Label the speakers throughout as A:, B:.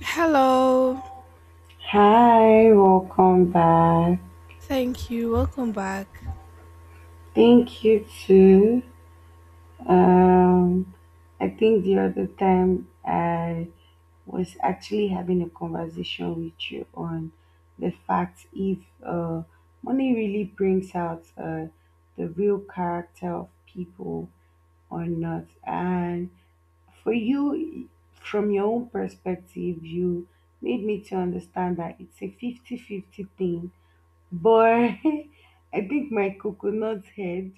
A: Hello.
B: Hi, welcome back.
A: Thank you. Welcome back.
B: Thank you too. Um, I think the other time I was actually having a conversation with you on the fact if uh, money really brings out the real character of people or not. And for you, from your own perspective, you made me to understand that it's a 50-50 thing. But I think my coconut head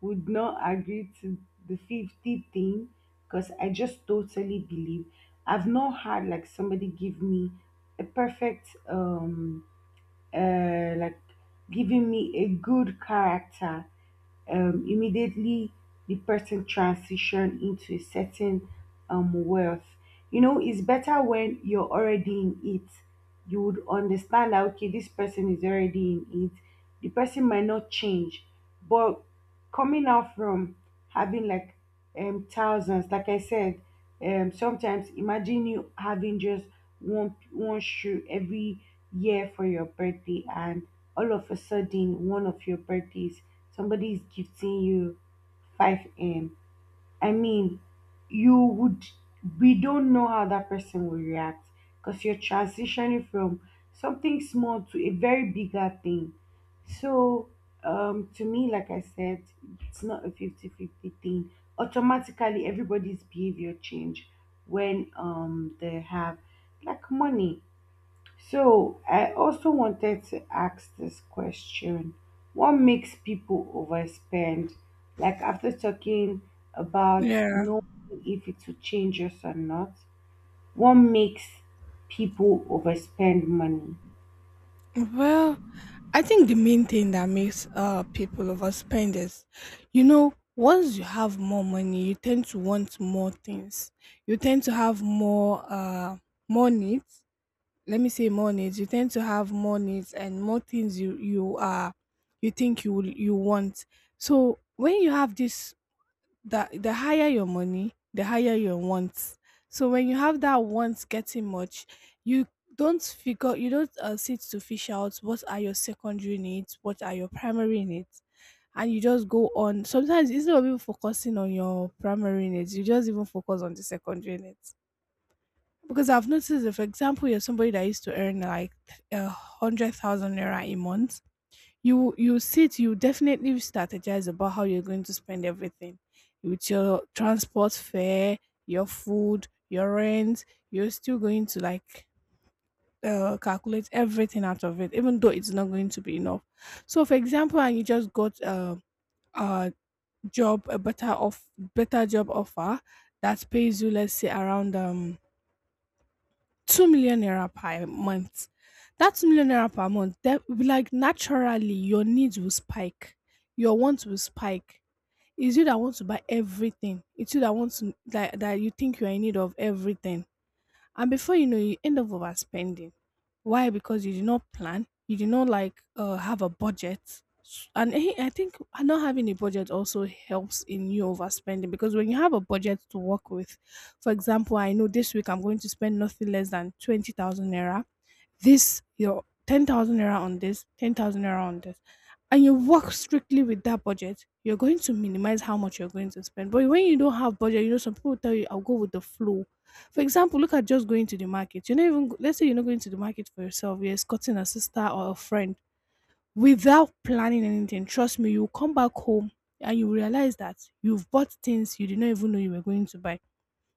B: would not agree to the 50 thing because I just totally believe I've not had like somebody give me a perfect uh like giving me a good character. Immediately the person transition into a certain wealth, you know it's better when you're already in it. You would understand that okay, this person is already in it. The person might not change, but coming out from having like thousands, like I said, sometimes imagine you having just one shoe every year for your birthday, and all of a sudden one of your birthdays somebody is gifting you five m. I mean, you would, we don't know how that person will react because you're transitioning from something small to a very bigger thing. So, to me, like I said, it's not a 50-50 thing. Automatically, everybody's behavior change when they have like money. So I also wanted to ask this question. What makes people overspend? Like after talking about
A: Yeah.
B: knowing if it will change us or not, what makes people overspend money?
A: Well, I think the main thing that makes people overspend is, once you have more money, you tend to want more things. You tend to have more needs. Let me say more needs. You tend to have more needs and more things you think you want. So when you have this, that the higher your money, the higher your wants. So when you have that wants getting much, you don't figure, you don't sit to fish out what are your secondary needs, what are your primary needs, and you just go on. Sometimes, instead of even focusing on your primary needs, you just even focus on the secondary needs. Because I've noticed, if, for example, you're somebody that used to earn like a hundred thousand naira a month, you definitely strategize about how you're going to spend everything, with your transport fare, your food, your rent. You're still going to, like, calculate everything out of it, even though it's not going to be enough. So, for example, and you just got a a better job offer that pays you, let's say, around 2 million naira per month. That 2 million naira per month, that, like, naturally, your needs will spike. Your wants will spike. It's you that wants to buy everything. It's you that wants to, that, that you think you're in need of everything. And before you know, you end up overspending. Why? Because you did not plan. You did not, like, have a budget. And I think not having a budget also helps in you overspending, because when you have a budget to work with, for example, I know this week I'm going to spend nothing less than 20,000 naira, this your 10,000 naira on this, 10,000 naira on this, and you work strictly with that budget, you're going to minimize how much you're going to spend. But when you don't have budget, you know, some people tell you, I'll go with the flow. For example, look at just going to the market. You're not even, let's say you're not going to the market for yourself, you're escorting a sister or a friend without planning anything. Trust me, you'll come back home and you realize that you've bought things you did not even know you were going to buy.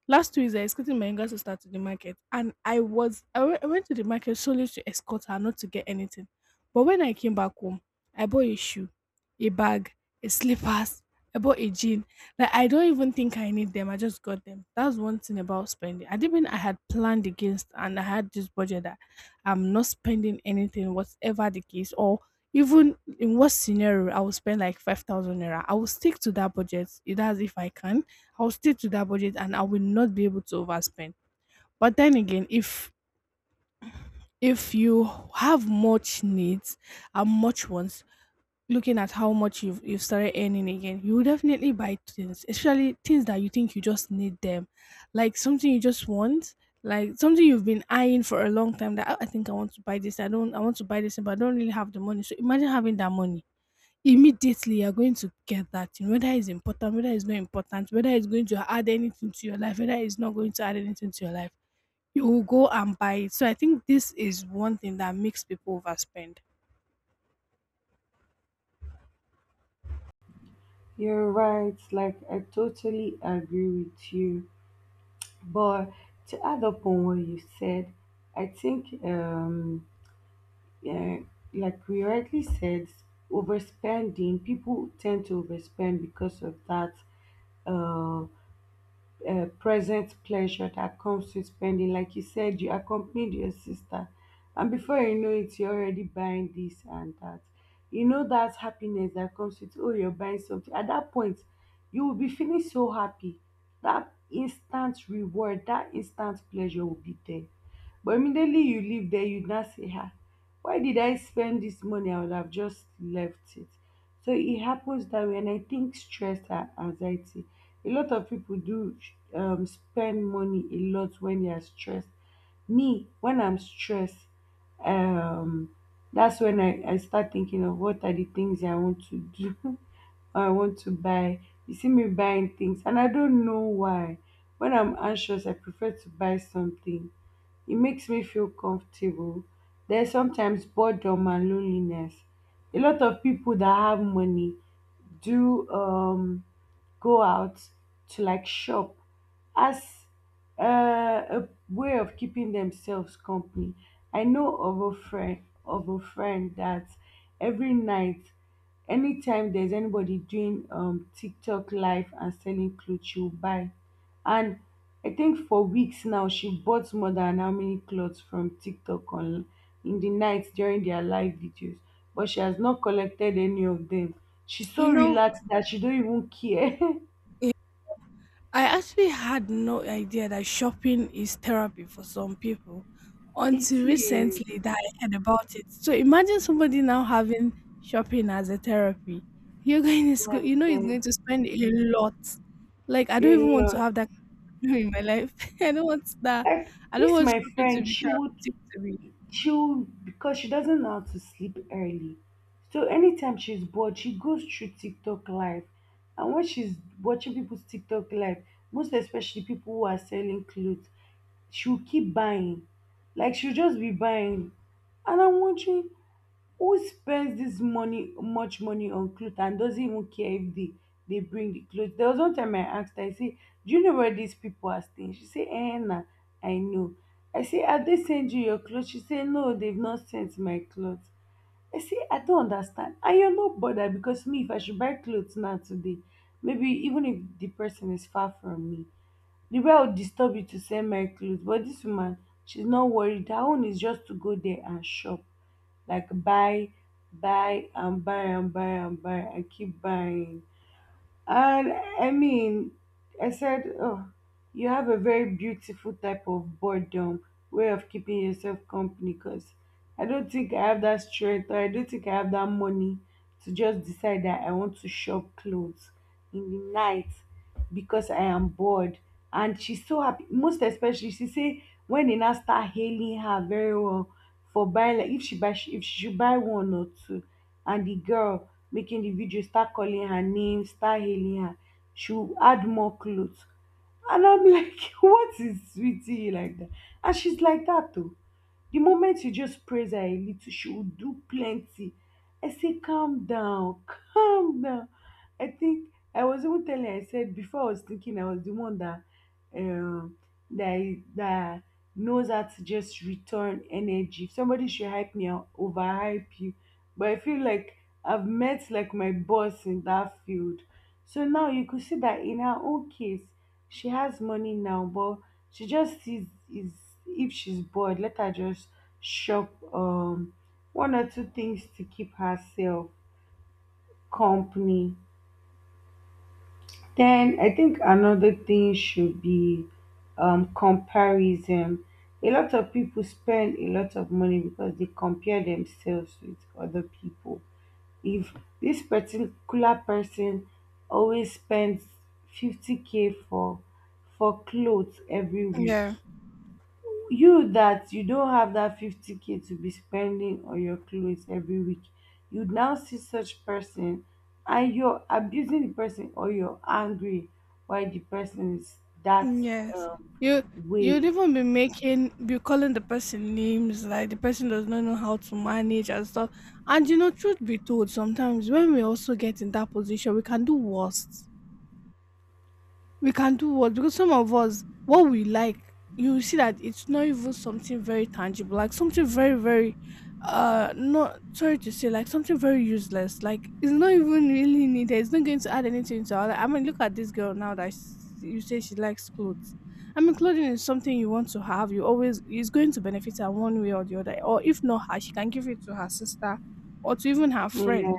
A: Last 2 weeks, I escorted my younger sister to the market, and I was I we- I went to the market solely to escort her, not to get anything. But when I came back home, I bought a shoe, a bag, a slippers. I bought a jean. Like, I don't even think I need them. I just got them. That's one thing about spending. I didn't mean I had planned against, and I had this budget that I'm not spending anything, whatever the case, or even in what scenario I will spend like 5,000 naira. I will stick to that budget. That's if I can. I'll stick to that budget and I will not be able to overspend. But then again, if you have much needs and much wants, looking at how much you've started earning again, you will definitely buy things, especially things that you think you just need them. Like something you just want, like something you've been eyeing for a long time, that, "Ah, I think I want to buy this. I don't I want to buy this, but I don't really have the money." So imagine having that money. Immediately, you're going to get that thing, whether it's important, whether it's not important, whether it's going to add anything to your life, whether it's not going to add anything to your life, you will go and buy it. So I think this is one thing that makes people overspend.
B: You're right, like I totally agree with you. But to add up on what you said, I think Yeah, we rightly said, overspending, people tend to overspend because of that. uh, present pleasure that comes with spending. Like you said, you accompanied your sister, and before you know it, you're already buying this and that. You know that happiness that comes with oh, you're buying something. At that point, you will be feeling so happy. That instant reward, that instant pleasure will be there. But immediately you leave there, you now say, ah, why did I spend this money? I would have just left it. So it happens that way, and I think stress and anxiety, a lot of people do spend money a lot when they are stressed. Me, when I'm stressed, um, that's when I start thinking of what are the things I want to do or I want to buy. You see me buying things, and I don't know why. When I'm anxious, I prefer to buy something. It makes me feel comfortable. There's sometimes boredom and loneliness. A lot of people that have money do go out to like shop as uh, a way of keeping themselves company. I know of a friend that every night, anytime there's anybody doing TikTok live and selling clothes, she'll buy. And I think for weeks now, she bought more than how many clothes from TikTok on in the night during their live videos, but she has not collected any of them. She's
A: You
B: so
A: know,
B: relaxed that she don't even care.
A: I actually had no idea that shopping is therapy for some people,
B: It
A: until
B: is,
A: recently that I heard about it. So imagine somebody now having shopping as a therapy. You're going to
B: my
A: go, you know you're
B: dear,
A: going to spend a lot. Like, I don't even
B: a
A: want to
B: lot.
A: have that kind of problem in my life. I don't want that.
B: Like
A: I don't
B: this,
A: want
B: my
A: shopping to
B: friend,
A: be
B: she would
A: therapeutic to me.
B: chill because she doesn't know how to sleep early. So anytime she's bored, she goes through TikTok live, and when she's watching people's TikTok live, most especially people who are selling clothes, she'll keep buying. Like she'll just be buying, and I'm wondering, who spends this money much money on clothes and doesn't even care if they bring the clothes? There was one time I asked her, I say, do you know where these people are staying? She say, eh na, I know. I say, have they sent you your clothes? She say, no, they've not sent my clothes. I say, I don't understand. And you're not bothered because me, if I should buy clothes now today, maybe even if the person is far from me, the way I would disturb you to send my clothes. But this woman, she's not worried. Her own is just to go there and shop, like buy, buy and buy and buy and buy and keep buying. And I mean, I said, oh, you have a very beautiful type of boredom way of keeping yourself company because I don't think I have that strength or I don't think I have that money to just decide that I want to shop clothes in the night because I am bored. And she's so happy. Most especially, she say when they now start hailing her very well for buying, like if she buy, if she should buy one or two, and the girl making the video start calling her name, start hailing her, she'll add more clothes. And I'm like, what is sweetie like that? And she's like that too. The moment you just praise her a little, she will do plenty. I say calm down, calm down. I think I was even telling her, I said before I was thinking I was the one that um that that knows how to just return energy. If somebody should hype me, I'll overhype you. But I feel like I've met like my boss in that field. So now you could see that in her own case, she has money now, but she just sees, is, if she's bored, let her just shop one or two things to keep herself company. Then I think another thing should be comparison. A lot of people spend a lot of money because they compare themselves with other people. If this particular person always spends 50k for clothes every week,
A: Yeah.
B: you that you don't have that 50k to be spending on your clothes every week, you now see such person and you're abusing the person, or you're angry why the person is that
A: Yes.
B: um,
A: You you'd
B: way.
A: even be calling the person names, like the person does not know how to manage and stuff. And, you know, truth be told, sometimes when we also get in that position, we can do worse, we can do what, because some of us, what we like, you will see that it's not even something very tangible, like something very, very, not, sorry to say, like something very useless. Like, it's not even really needed, it's not going to add anything to our life. I mean, look at this girl now, you say she likes clothes. I mean, clothing is something you want to have, you always, is going to benefit her one way or the other. Or if not her, she can give it to her sister, or to even her friend.
B: Yeah,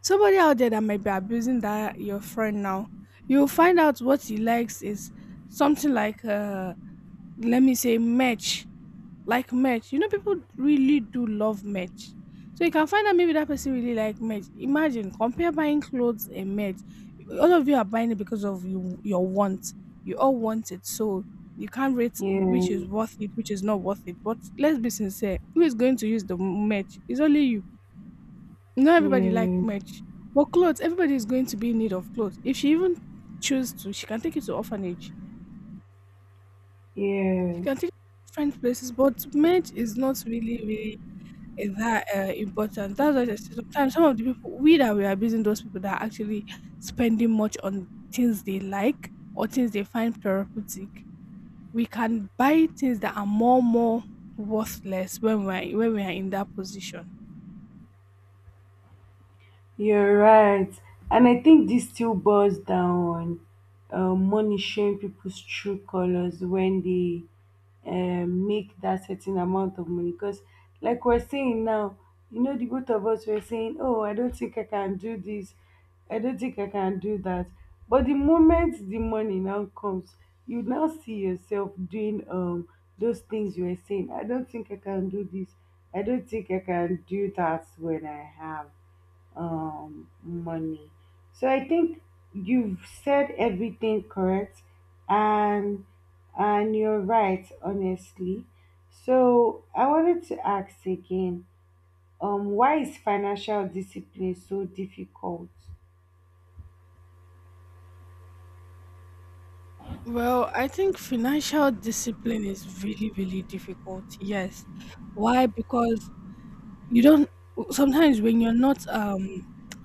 A: Somebody out there that might be abusing that, your friend now, you'll find out what he likes is something like let me say match. Like match, you know people really do love match. So you can find out maybe that person really like match. Imagine, compare buying clothes and match. All of you are buying it because of you, your want. You all want it. So you can't rate
B: yeah,
A: which is worth it, which is not worth it. But let's be sincere, who is going to use the match? It's only you, not everybody like
B: yeah,
A: merch, but clothes. Everybody is going to be in need of clothes. If she even choose to, she can take it to orphanage. She
B: yeah,
A: can take it to different places. But merch is not really, really, eh, that, important. That's why I said, sometimes some of the people we that we are abusing, those people that are actually spending much on things they like or things they find therapeutic, we can buy things that are more worthless when we are in that position.
B: you're right. And I think this still boils down on money showing people's true colors when they make that certain amount of money. Because like we're saying now, you know the both of us were saying oh I don't think I can do this, I don't think I can do that, but the moment the money now comes, you now see yourself doing those things you were saying I don't think I can do this, I don't think I can do that when I have money. So I think you've said everything correct, and and you're right, honestly. So I wanted to ask again, why is financial discipline so difficult?
A: Well, I think financial discipline is really, really difficult. Yes. Why? Because you don't sometimes when you're not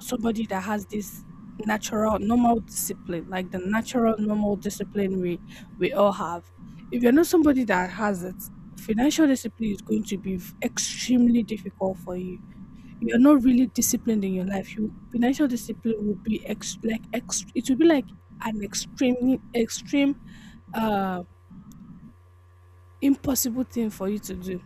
A: somebody that has this natural normal discipline, like the natural normal discipline we all have. If you're not somebody that has it, financial discipline is going to be extremely difficult for you. You're not really disciplined in your life. You financial discipline will be ex like ex it will be like an extremely extreme, uh, impossible thing for you to do.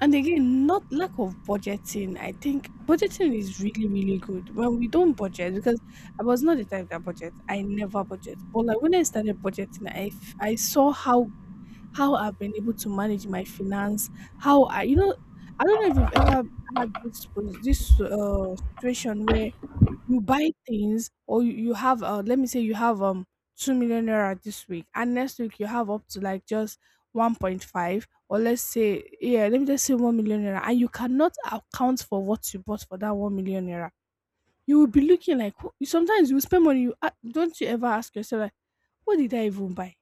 A: And again, not lack of budgeting. I think budgeting is really, really good, when we don't budget, because I was not the type that budget. I never budget. But, like, when I started budgeting, I saw how I've been able to manage my finance. How I, you know, I don't know if you've ever had this situation where you buy things, or you have let me say you have 2 million naira this week, and next week you have up to like just 1.5, or let's say, yeah, let me just say 1 million naira, and you cannot account for what you bought for that 1 million naira. You will be looking like, you sometimes you spend money, don't you ever ask yourself, like, what did I even buy,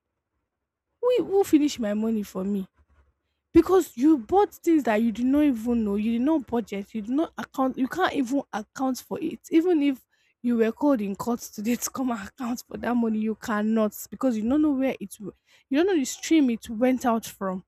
A: who finished my money for me? Because you bought things that you did not even know, you did not budget, you did not account, you can't even account for it. Even if you were called in court today to come and account for that money, you cannot, because you don't know where you don't know the stream it went out from.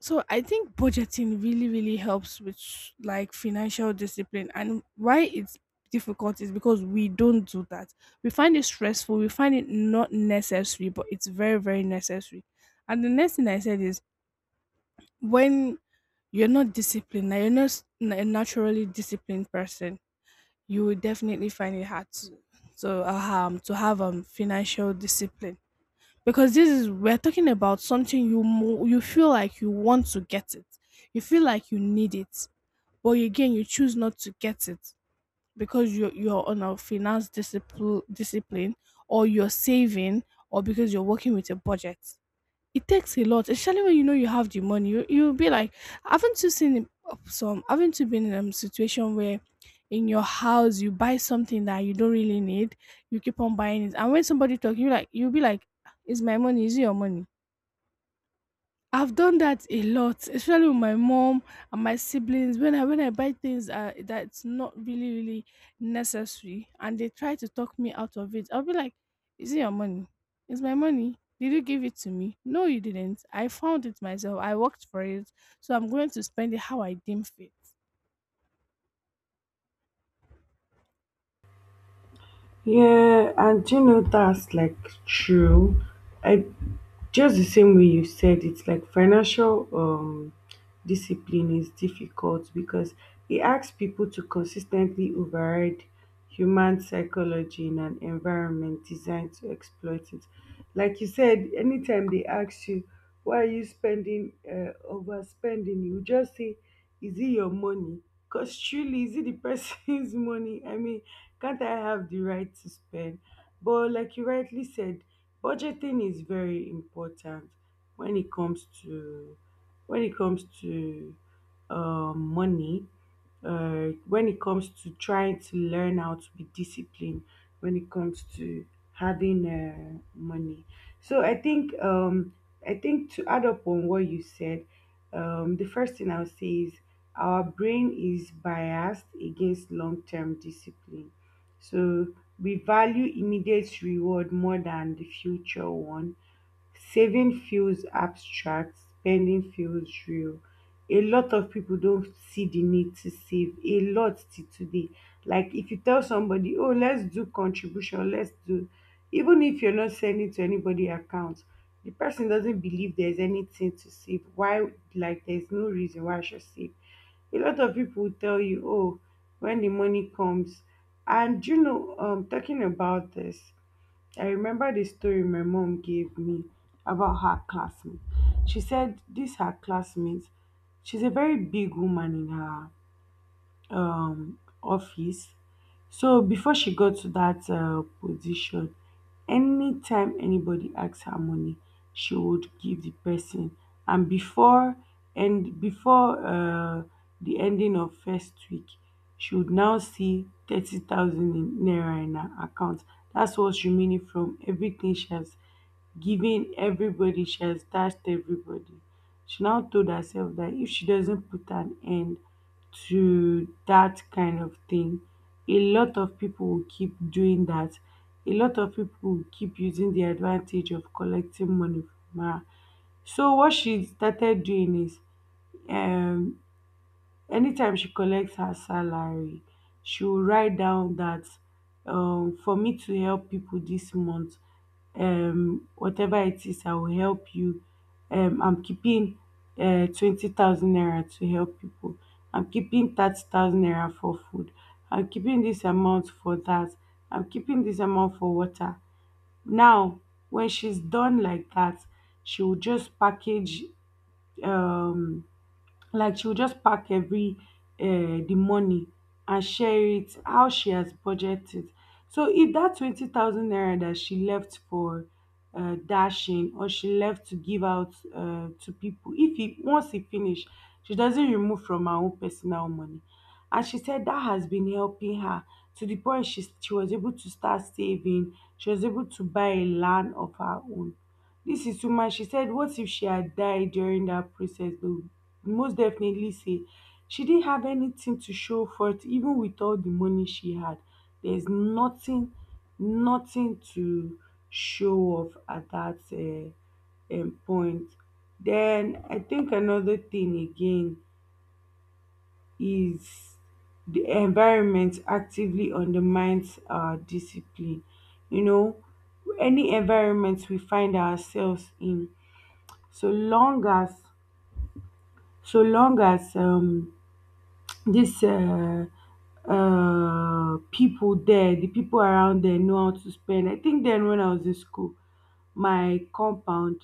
A: So I think budgeting really, really helps with, like, financial discipline. And why it's difficult is because we don't do that. We find it stressful, we find it not necessary, but it's very, very necessary. And the next thing I said is, when you're not disciplined, now you're not a naturally disciplined person, you will definitely find it hard to to have financial discipline, because this is, we're talking about something you feel like you want to get it, you feel like you need it, but again you choose not to get it because you're on a finance discipline, or you're saving, or because you're working with a budget. It takes a lot, especially when you know you have the money. You'll be like, haven't you seen some? Haven't you been in a situation where in your house you buy something that you don't really need, you keep on buying it, and when somebody talking, you like you'll be like, "Ah, is my money? Is it your money?" I've done that a lot, especially with my mom and my siblings. When I buy things that's not really necessary, and they try to talk me out of it, I'll be like, "Is it your money? It's my money. Did you give it to me? No, you didn't. I found it myself. I worked for it, so I'm going to spend it how I deem fit."
B: Yeah, and you know that's like true. I just the same way you said, it's like financial discipline is difficult because it asks people to consistently override human psychology in an environment designed to exploit it. Like you said, anytime they ask you, why are you spending, overspending, you just say, is it your money? Because truly, is it the person's money? I mean, can't I have the right to spend? But like you rightly said, budgeting is very important when it comes to when it comes to money, when it comes to trying to learn how to be disciplined, when it comes to having money. So I think to add up on what you said, the first thing I'll say is our brain is biased against long-term discipline. So we value immediate reward more than the future one. Saving feels abstract, spending feels real. A lot of people don't see the need to save a lot till today. Like if you tell somebody, oh, let's do contribution, let's do, even if you're not sending to anybody account, the person doesn't believe there's anything to save. Why, like, there's no reason why I should save. A lot of people will tell you, oh, when the money comes. And you know, talking about this, I remember the story my mom gave me about her classmate. She said this her classmate, she's a very big woman in her office. So before she got to that position, anytime anybody asks her money, she would give the person. And before the ending of first week, she would now see 30,000 in naira in her account. That's what's remaining from everything she has given everybody, she has dashed everybody. She now told herself that if she doesn't put an end to that kind of thing, a lot of people will keep doing that. A lot of people will keep using the advantage of collecting money from her. So what she started doing is um anytime she collects her salary, she will write down that, for me to help people this month, whatever it is, I will help you. I'm keeping 20,000 naira to help people. I'm keeping 30,000 naira for food. I'm keeping this amount for that. I'm keeping this amount for water. Now, when she's done like that, she will just package, um like, she will just pack every— the money, and share it how she has budgeted. So if that 20,000 naira that she left for dashing, or she left to give out to people, if he once he finish, she doesn't remove from her own personal money. And she said that has been helping her, to the point she was able to start saving, she was able to buy a land of her own. This is too much," she said. What if she had died during that process? They would most definitely say she didn't have anything to show for it, even with all the money she had. There's nothing, nothing to show off at that point. Then I think another thing again is the environment actively undermines our discipline. You know, any environment we find ourselves in, so long as so long as this people there, the people around there know how to spend. I think then when I was in school, my compound,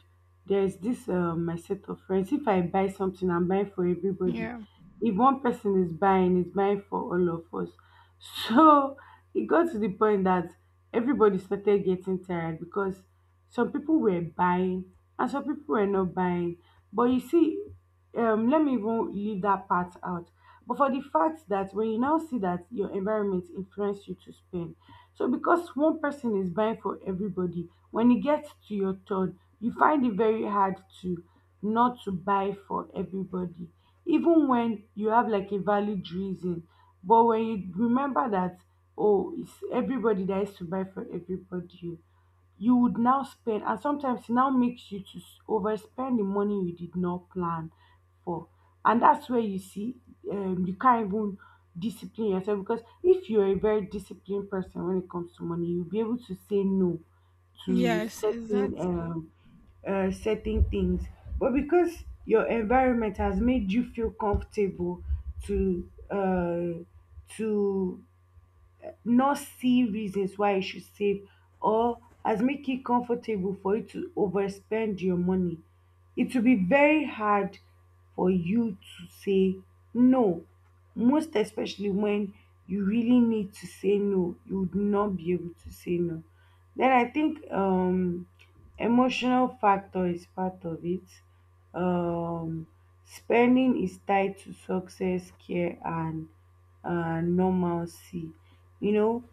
B: there's this my set of friends. If I buy something, I'm buying for everybody.
A: Yeah.
B: If one person is buying, it's buying for all of us. So it got to the point that everybody started getting tired, because some people were buying and some people were not buying. But you see, let me even leave that part out. But for the fact that when you now see that your environment influence you to spend, so because one person is buying for everybody, when it gets to your turn, you find it very hard to not to buy for everybody, even when you have like a valid reason. But when you remember that, oh, it's everybody that is to buy for everybody, you would now spend, and sometimes it now makes you to overspend the money you did not plan for. And that's where you see you can't even discipline yourself, because if you're a very disciplined person when it comes to money, you'll be able to say no to
A: Yes,
B: certain
A: exactly.
B: um, uh, certain things. But because your environment has made you feel comfortable to to not see reasons why you should save, or has make it comfortable for you to overspend your money, it will be very hard for you to say no, most especially when you really need to say no, you would not be able to say no. Then I think emotional factor is part of it. um Spending is tied to success, care, and normalcy. You know,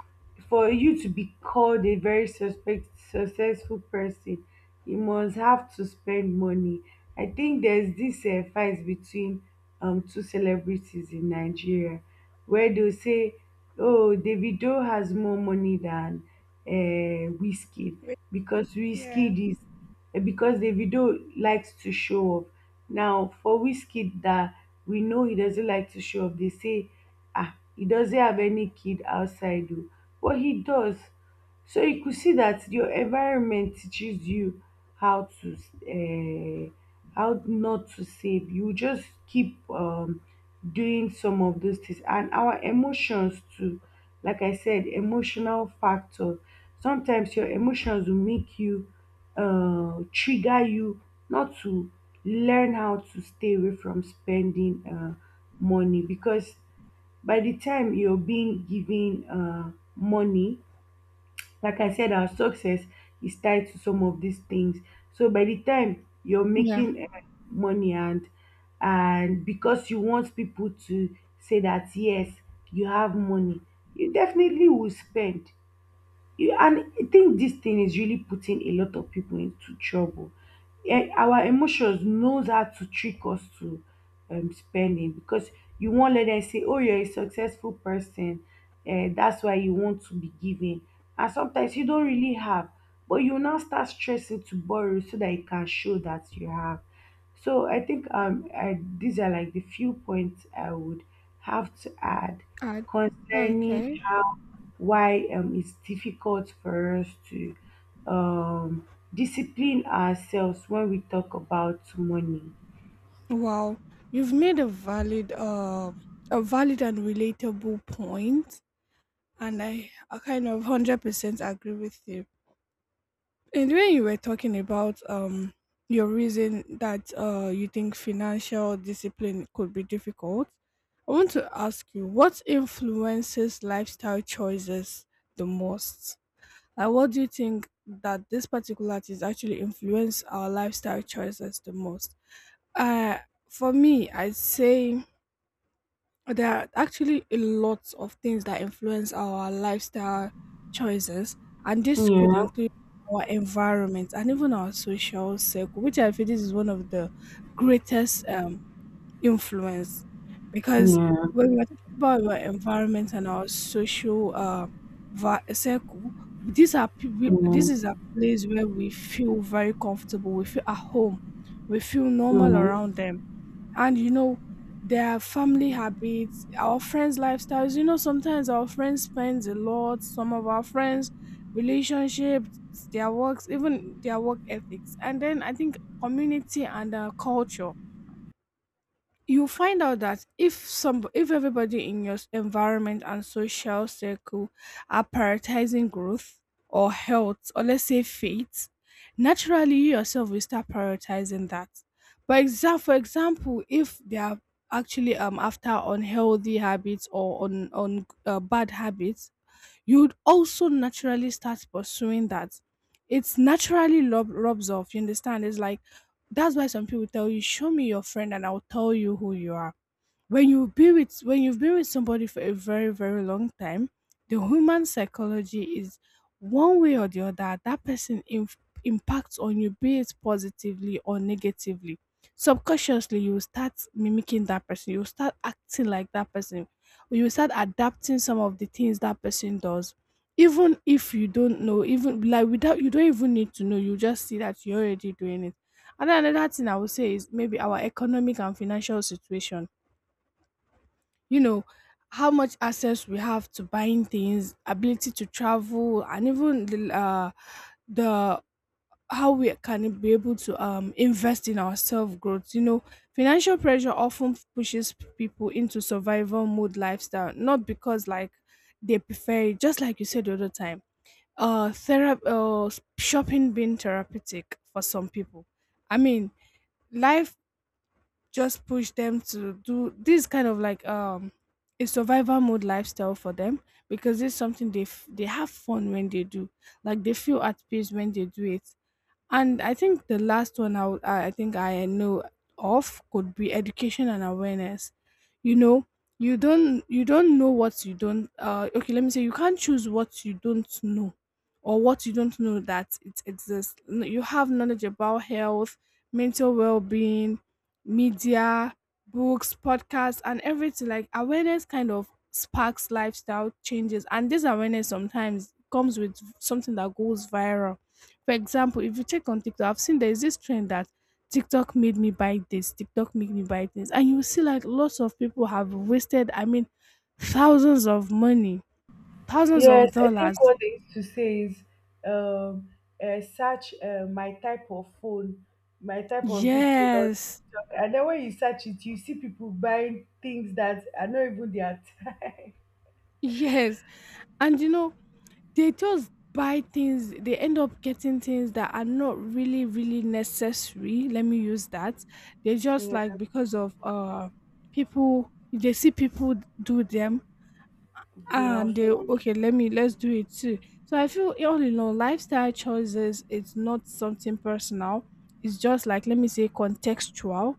B: for you to be called a very suspect successful person, you must have to spend money. I think there's this fight between two celebrities in Nigeria, where they say, oh, Davido has more money than Whiskey,
A: Wait.
B: because
A: Yeah.
B: Whiskey is— because Davido likes to show off. Now for Whiskey, that we know he doesn't like to show off, they say, ah, he doesn't have any kid outside, oh, but he does. So you could see that your environment teaches you how to uh, how not to save. You just keep doing some of those things, and our emotions too. Like I said, emotional factor. Sometimes your emotions will make you trigger you not to learn how to stay away from spending money, because by the time you're being given money, like I said, our success is tied to some of these things. So by the time you're
A: Yeah.
B: making money, and because you want people to say that yes, you have money, you definitely will spend. And I think this thing is really putting a lot of people into trouble. Eh, our emotions knows how to trick us to spending, because you won't let them say, "Oh, you're a successful person." Eh, that's why you want to be giving. And sometimes you don't really have, but you now start stressing to borrow so that you can show that you have. So I think these are like the few points I would have to add
A: Add.
B: concerning
A: Okay.
B: how why it's difficult for us to discipline ourselves when we talk about money.
A: Wow, you've made a valid and relatable point, and I kind of 100% agree with you. And when you were talking about your reason that you think financial discipline could be difficult, I want to ask you what influences lifestyle choices the most. Like, what do you think that this particular is actually influence our lifestyle choices the most? Uh, for me, I'd say there are actually a lot of things that influence our lifestyle choices, and this could
B: Yeah,
A: include our environment and even our social circle, which I feel this is one of the greatest influence, because
B: yeah,
A: when we're talking about our environment and our social circle, this
B: yeah,
A: is a place where we feel very comfortable, we feel at home, we feel normal around
B: yes.
A: them. And you know, their family habits, our friends lifestyles. You know, sometimes our friends spend a lot, some of our friends relationships, their works, even their work ethics, and then I think community and culture. You'll find out that if everybody in your environment and social circle are prioritizing growth or health, or let's say faith, naturally you yourself will start prioritizing that. But for example, if they are actually after unhealthy habits or on bad habits, you'd also naturally start pursuing that. It's naturally rubs off. You understand? It's like that's why some people tell you, "Show me your friend, and I'll tell you who you are." When you be with when you've been with somebody for a very very long time, the human psychology is, one way or the other, that person impacts on you, be it positively or negatively. Subconsciously you will start mimicking that person, you will start acting like that person, you will start adapting some of the things that person does, even if you don't know, even like without you don't even need to know, you just see that you're already doing it. And then another thing I would say is maybe our economic and financial situation. You know, how much access we have to buying things, ability to travel, and even the how we can be able to invest in our self growth. You know, financial pressure often pushes people into survival mode lifestyle, not because like they prefer it. Just like you said the other time, therapy, shopping being therapeutic for some people. I mean, life just push them to do this kind of like a survival mode lifestyle for them, because it's something they they have fun when they do, like they feel at peace when they do it. And I think the last one I think I know of could be education and awareness. You know, you don't know what you don't okay, let me say you can't choose what you don't know, or what you don't know that it exists. You have knowledge about health, mental well-being, media, books, podcasts and everything. Like awareness kind of sparks lifestyle changes, and this awareness sometimes comes with something that goes viral. For example, if you check on TikTok, I've seen there's this trend that TikTok made me buy this, TikTok made me buy this. And you see like lots of people have wasted, I mean, thousands of money, thousands of
B: Yes, I
A: dollars.
B: think what they used to say is um, search my type of phone, my type of this thing on
A: Yes.
B: TikTok. And then when you search it, you see people buying things that are not even their type.
A: Yes. And you know, they just buy things, they end up getting things that are not really, really necessary. Let me use that. They just
B: Yeah,
A: like, because of people, they see people do them,
B: they
A: and
B: also
A: they,
B: want.
A: okay, let's do it too. So I feel all in all, lifestyle choices, it's not something personal, it's just like, let me say, contextual.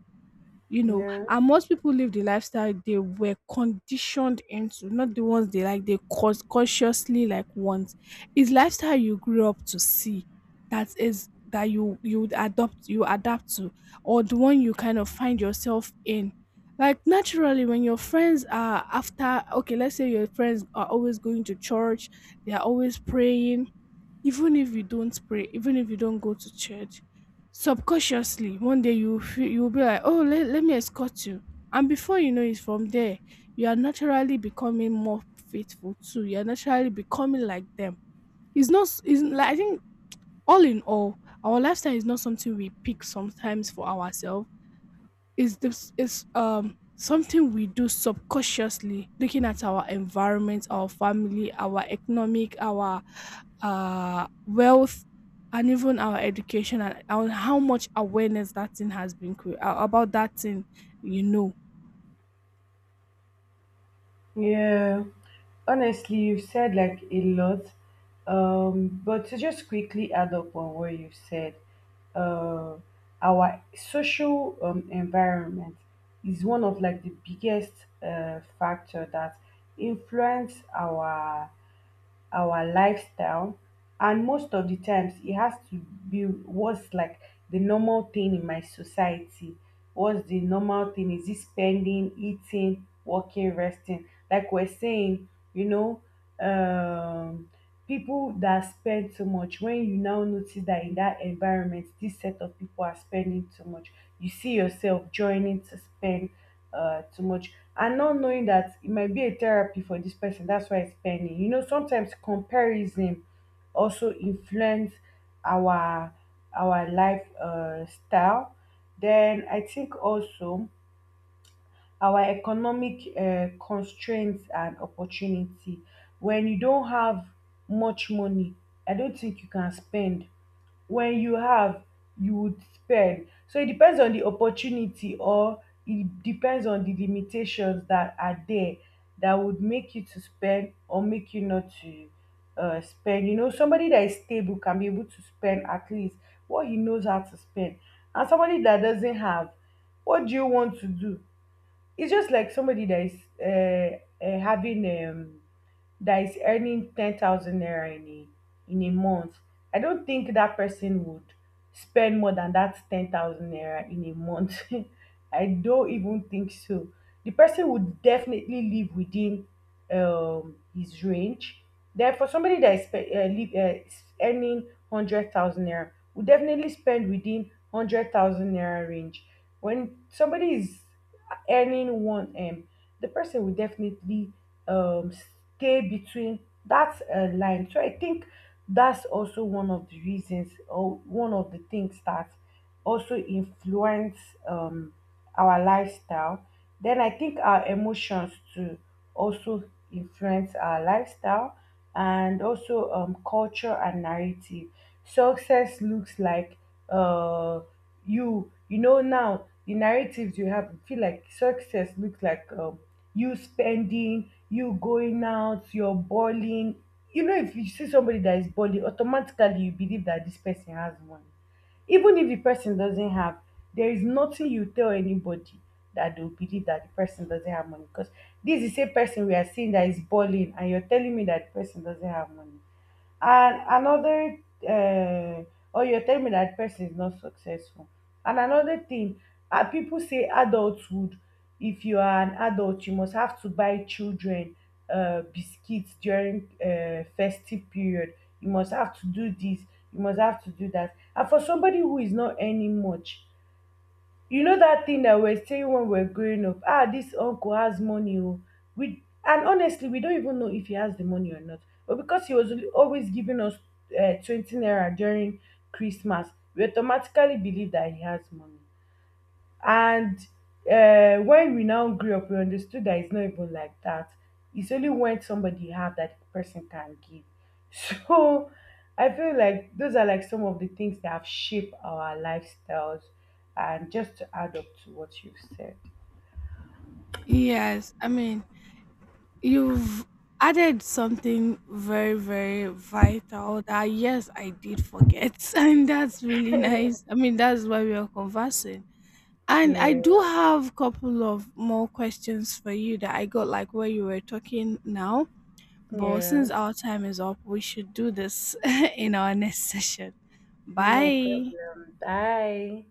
A: You know,
B: Yeah.
A: and most people live the lifestyle they were conditioned into, not the ones they like they cause consciously like want. Is lifestyle you grew up to see, that is that you would adopt, you adapt to, or the one you kind of find yourself in. Like naturally, when your friends are after, okay let's say your friends are always going to church, they are always praying, even if you don't pray, even if you don't go to church, subconsciously one day you feel you will be like, oh let me escort you. And before you know it, from there you are naturally becoming more faithful too, you are naturally becoming like them. It's not, is like I think, all in all, our lifestyle is not something we pick sometimes for ourselves. Is this is something we do subconsciously, looking at our environment, our family, our economic, our wealth, and even our education, and how much awareness that thing has been about that thing. You know.
B: Yeah. Honestly, you've said like a lot, but to just quickly add up on what you've said, uh, our social environment is one of like the biggest factor that influence our lifestyle. And most of the times it has to be what's like the normal thing in my society. What's the normal thing? Is it spending, eating, working, resting, like we're saying, you know? um People that spend too much, when you now notice that in that environment this set of people are spending too much, you see yourself joining to spend too much, and not knowing that it might be a therapy for this person, that's why it's spending, you know. Sometimes comparison also influence our our life style. Then I think also our economic constraints and opportunity. When you don't have much money, I don't think you can spend. When you have, you would spend. So it depends on the opportunity, or it depends on the limitations that are there that would make you to spend or make you not to spend. You know, somebody that is stable can be able to spend at least what he knows how to spend. And somebody that doesn't have, what do you want to do? It's just like somebody that is having that is earning 10,000 naira in a month. I don't think that person would spend more than that 10,000 naira in a month. I don't even think so. The person would definitely live within his range. Then for somebody that is earning 100,000 naira, will definitely spend within 100,000 naira range. When somebody is earning one m, the person will definitely um, stay between that line. So I think that's also one of the reasons or one of the things that also influence um, our lifestyle. Then I think our emotions to also influence our lifestyle, and also culture and narrative. Success looks like uh, you know, now the narratives you have, you feel like success looks like you spending, you going out, you're balling. You know, if you see somebody that is balling, automatically you believe that this person has money, even if the person doesn't have. There is nothing you tell anybody that they'll believe that the person doesn't have money, because this is a person we are seeing that is balling, and you're telling me that the person doesn't have money. And another, uh, or you tell me that person is not successful. And another thing, people say adulthood, if you are an adult, you must have to buy children biscuits during festive period. You must have to do this, you must have to do that. And for somebody who is not earning much, you know that thing that we were saying when we were growing up, ah, this uncle has money. Oh, we— and honestly, we don't even know if he has the money or not, but because he was always giving us 20 naira during Christmas, we automatically believe that he has money. And when we now grew up, we understood that it's not even like that. It's only when somebody have that the person can give. So I feel like those are like some of the things that have shaped our lifestyles. And just to add up to what you've said.
A: Yes, I mean, you've added something very very vital that yes I did forget and that's really nice. I mean, that's why we are conversing. And I
B: Yeah,
A: do have a couple of more questions for you that I got like where you were talking now. But
B: yeah,
A: since our time is up, we should do this in our next session.
B: no
A: Bye.
B: problem. Bye.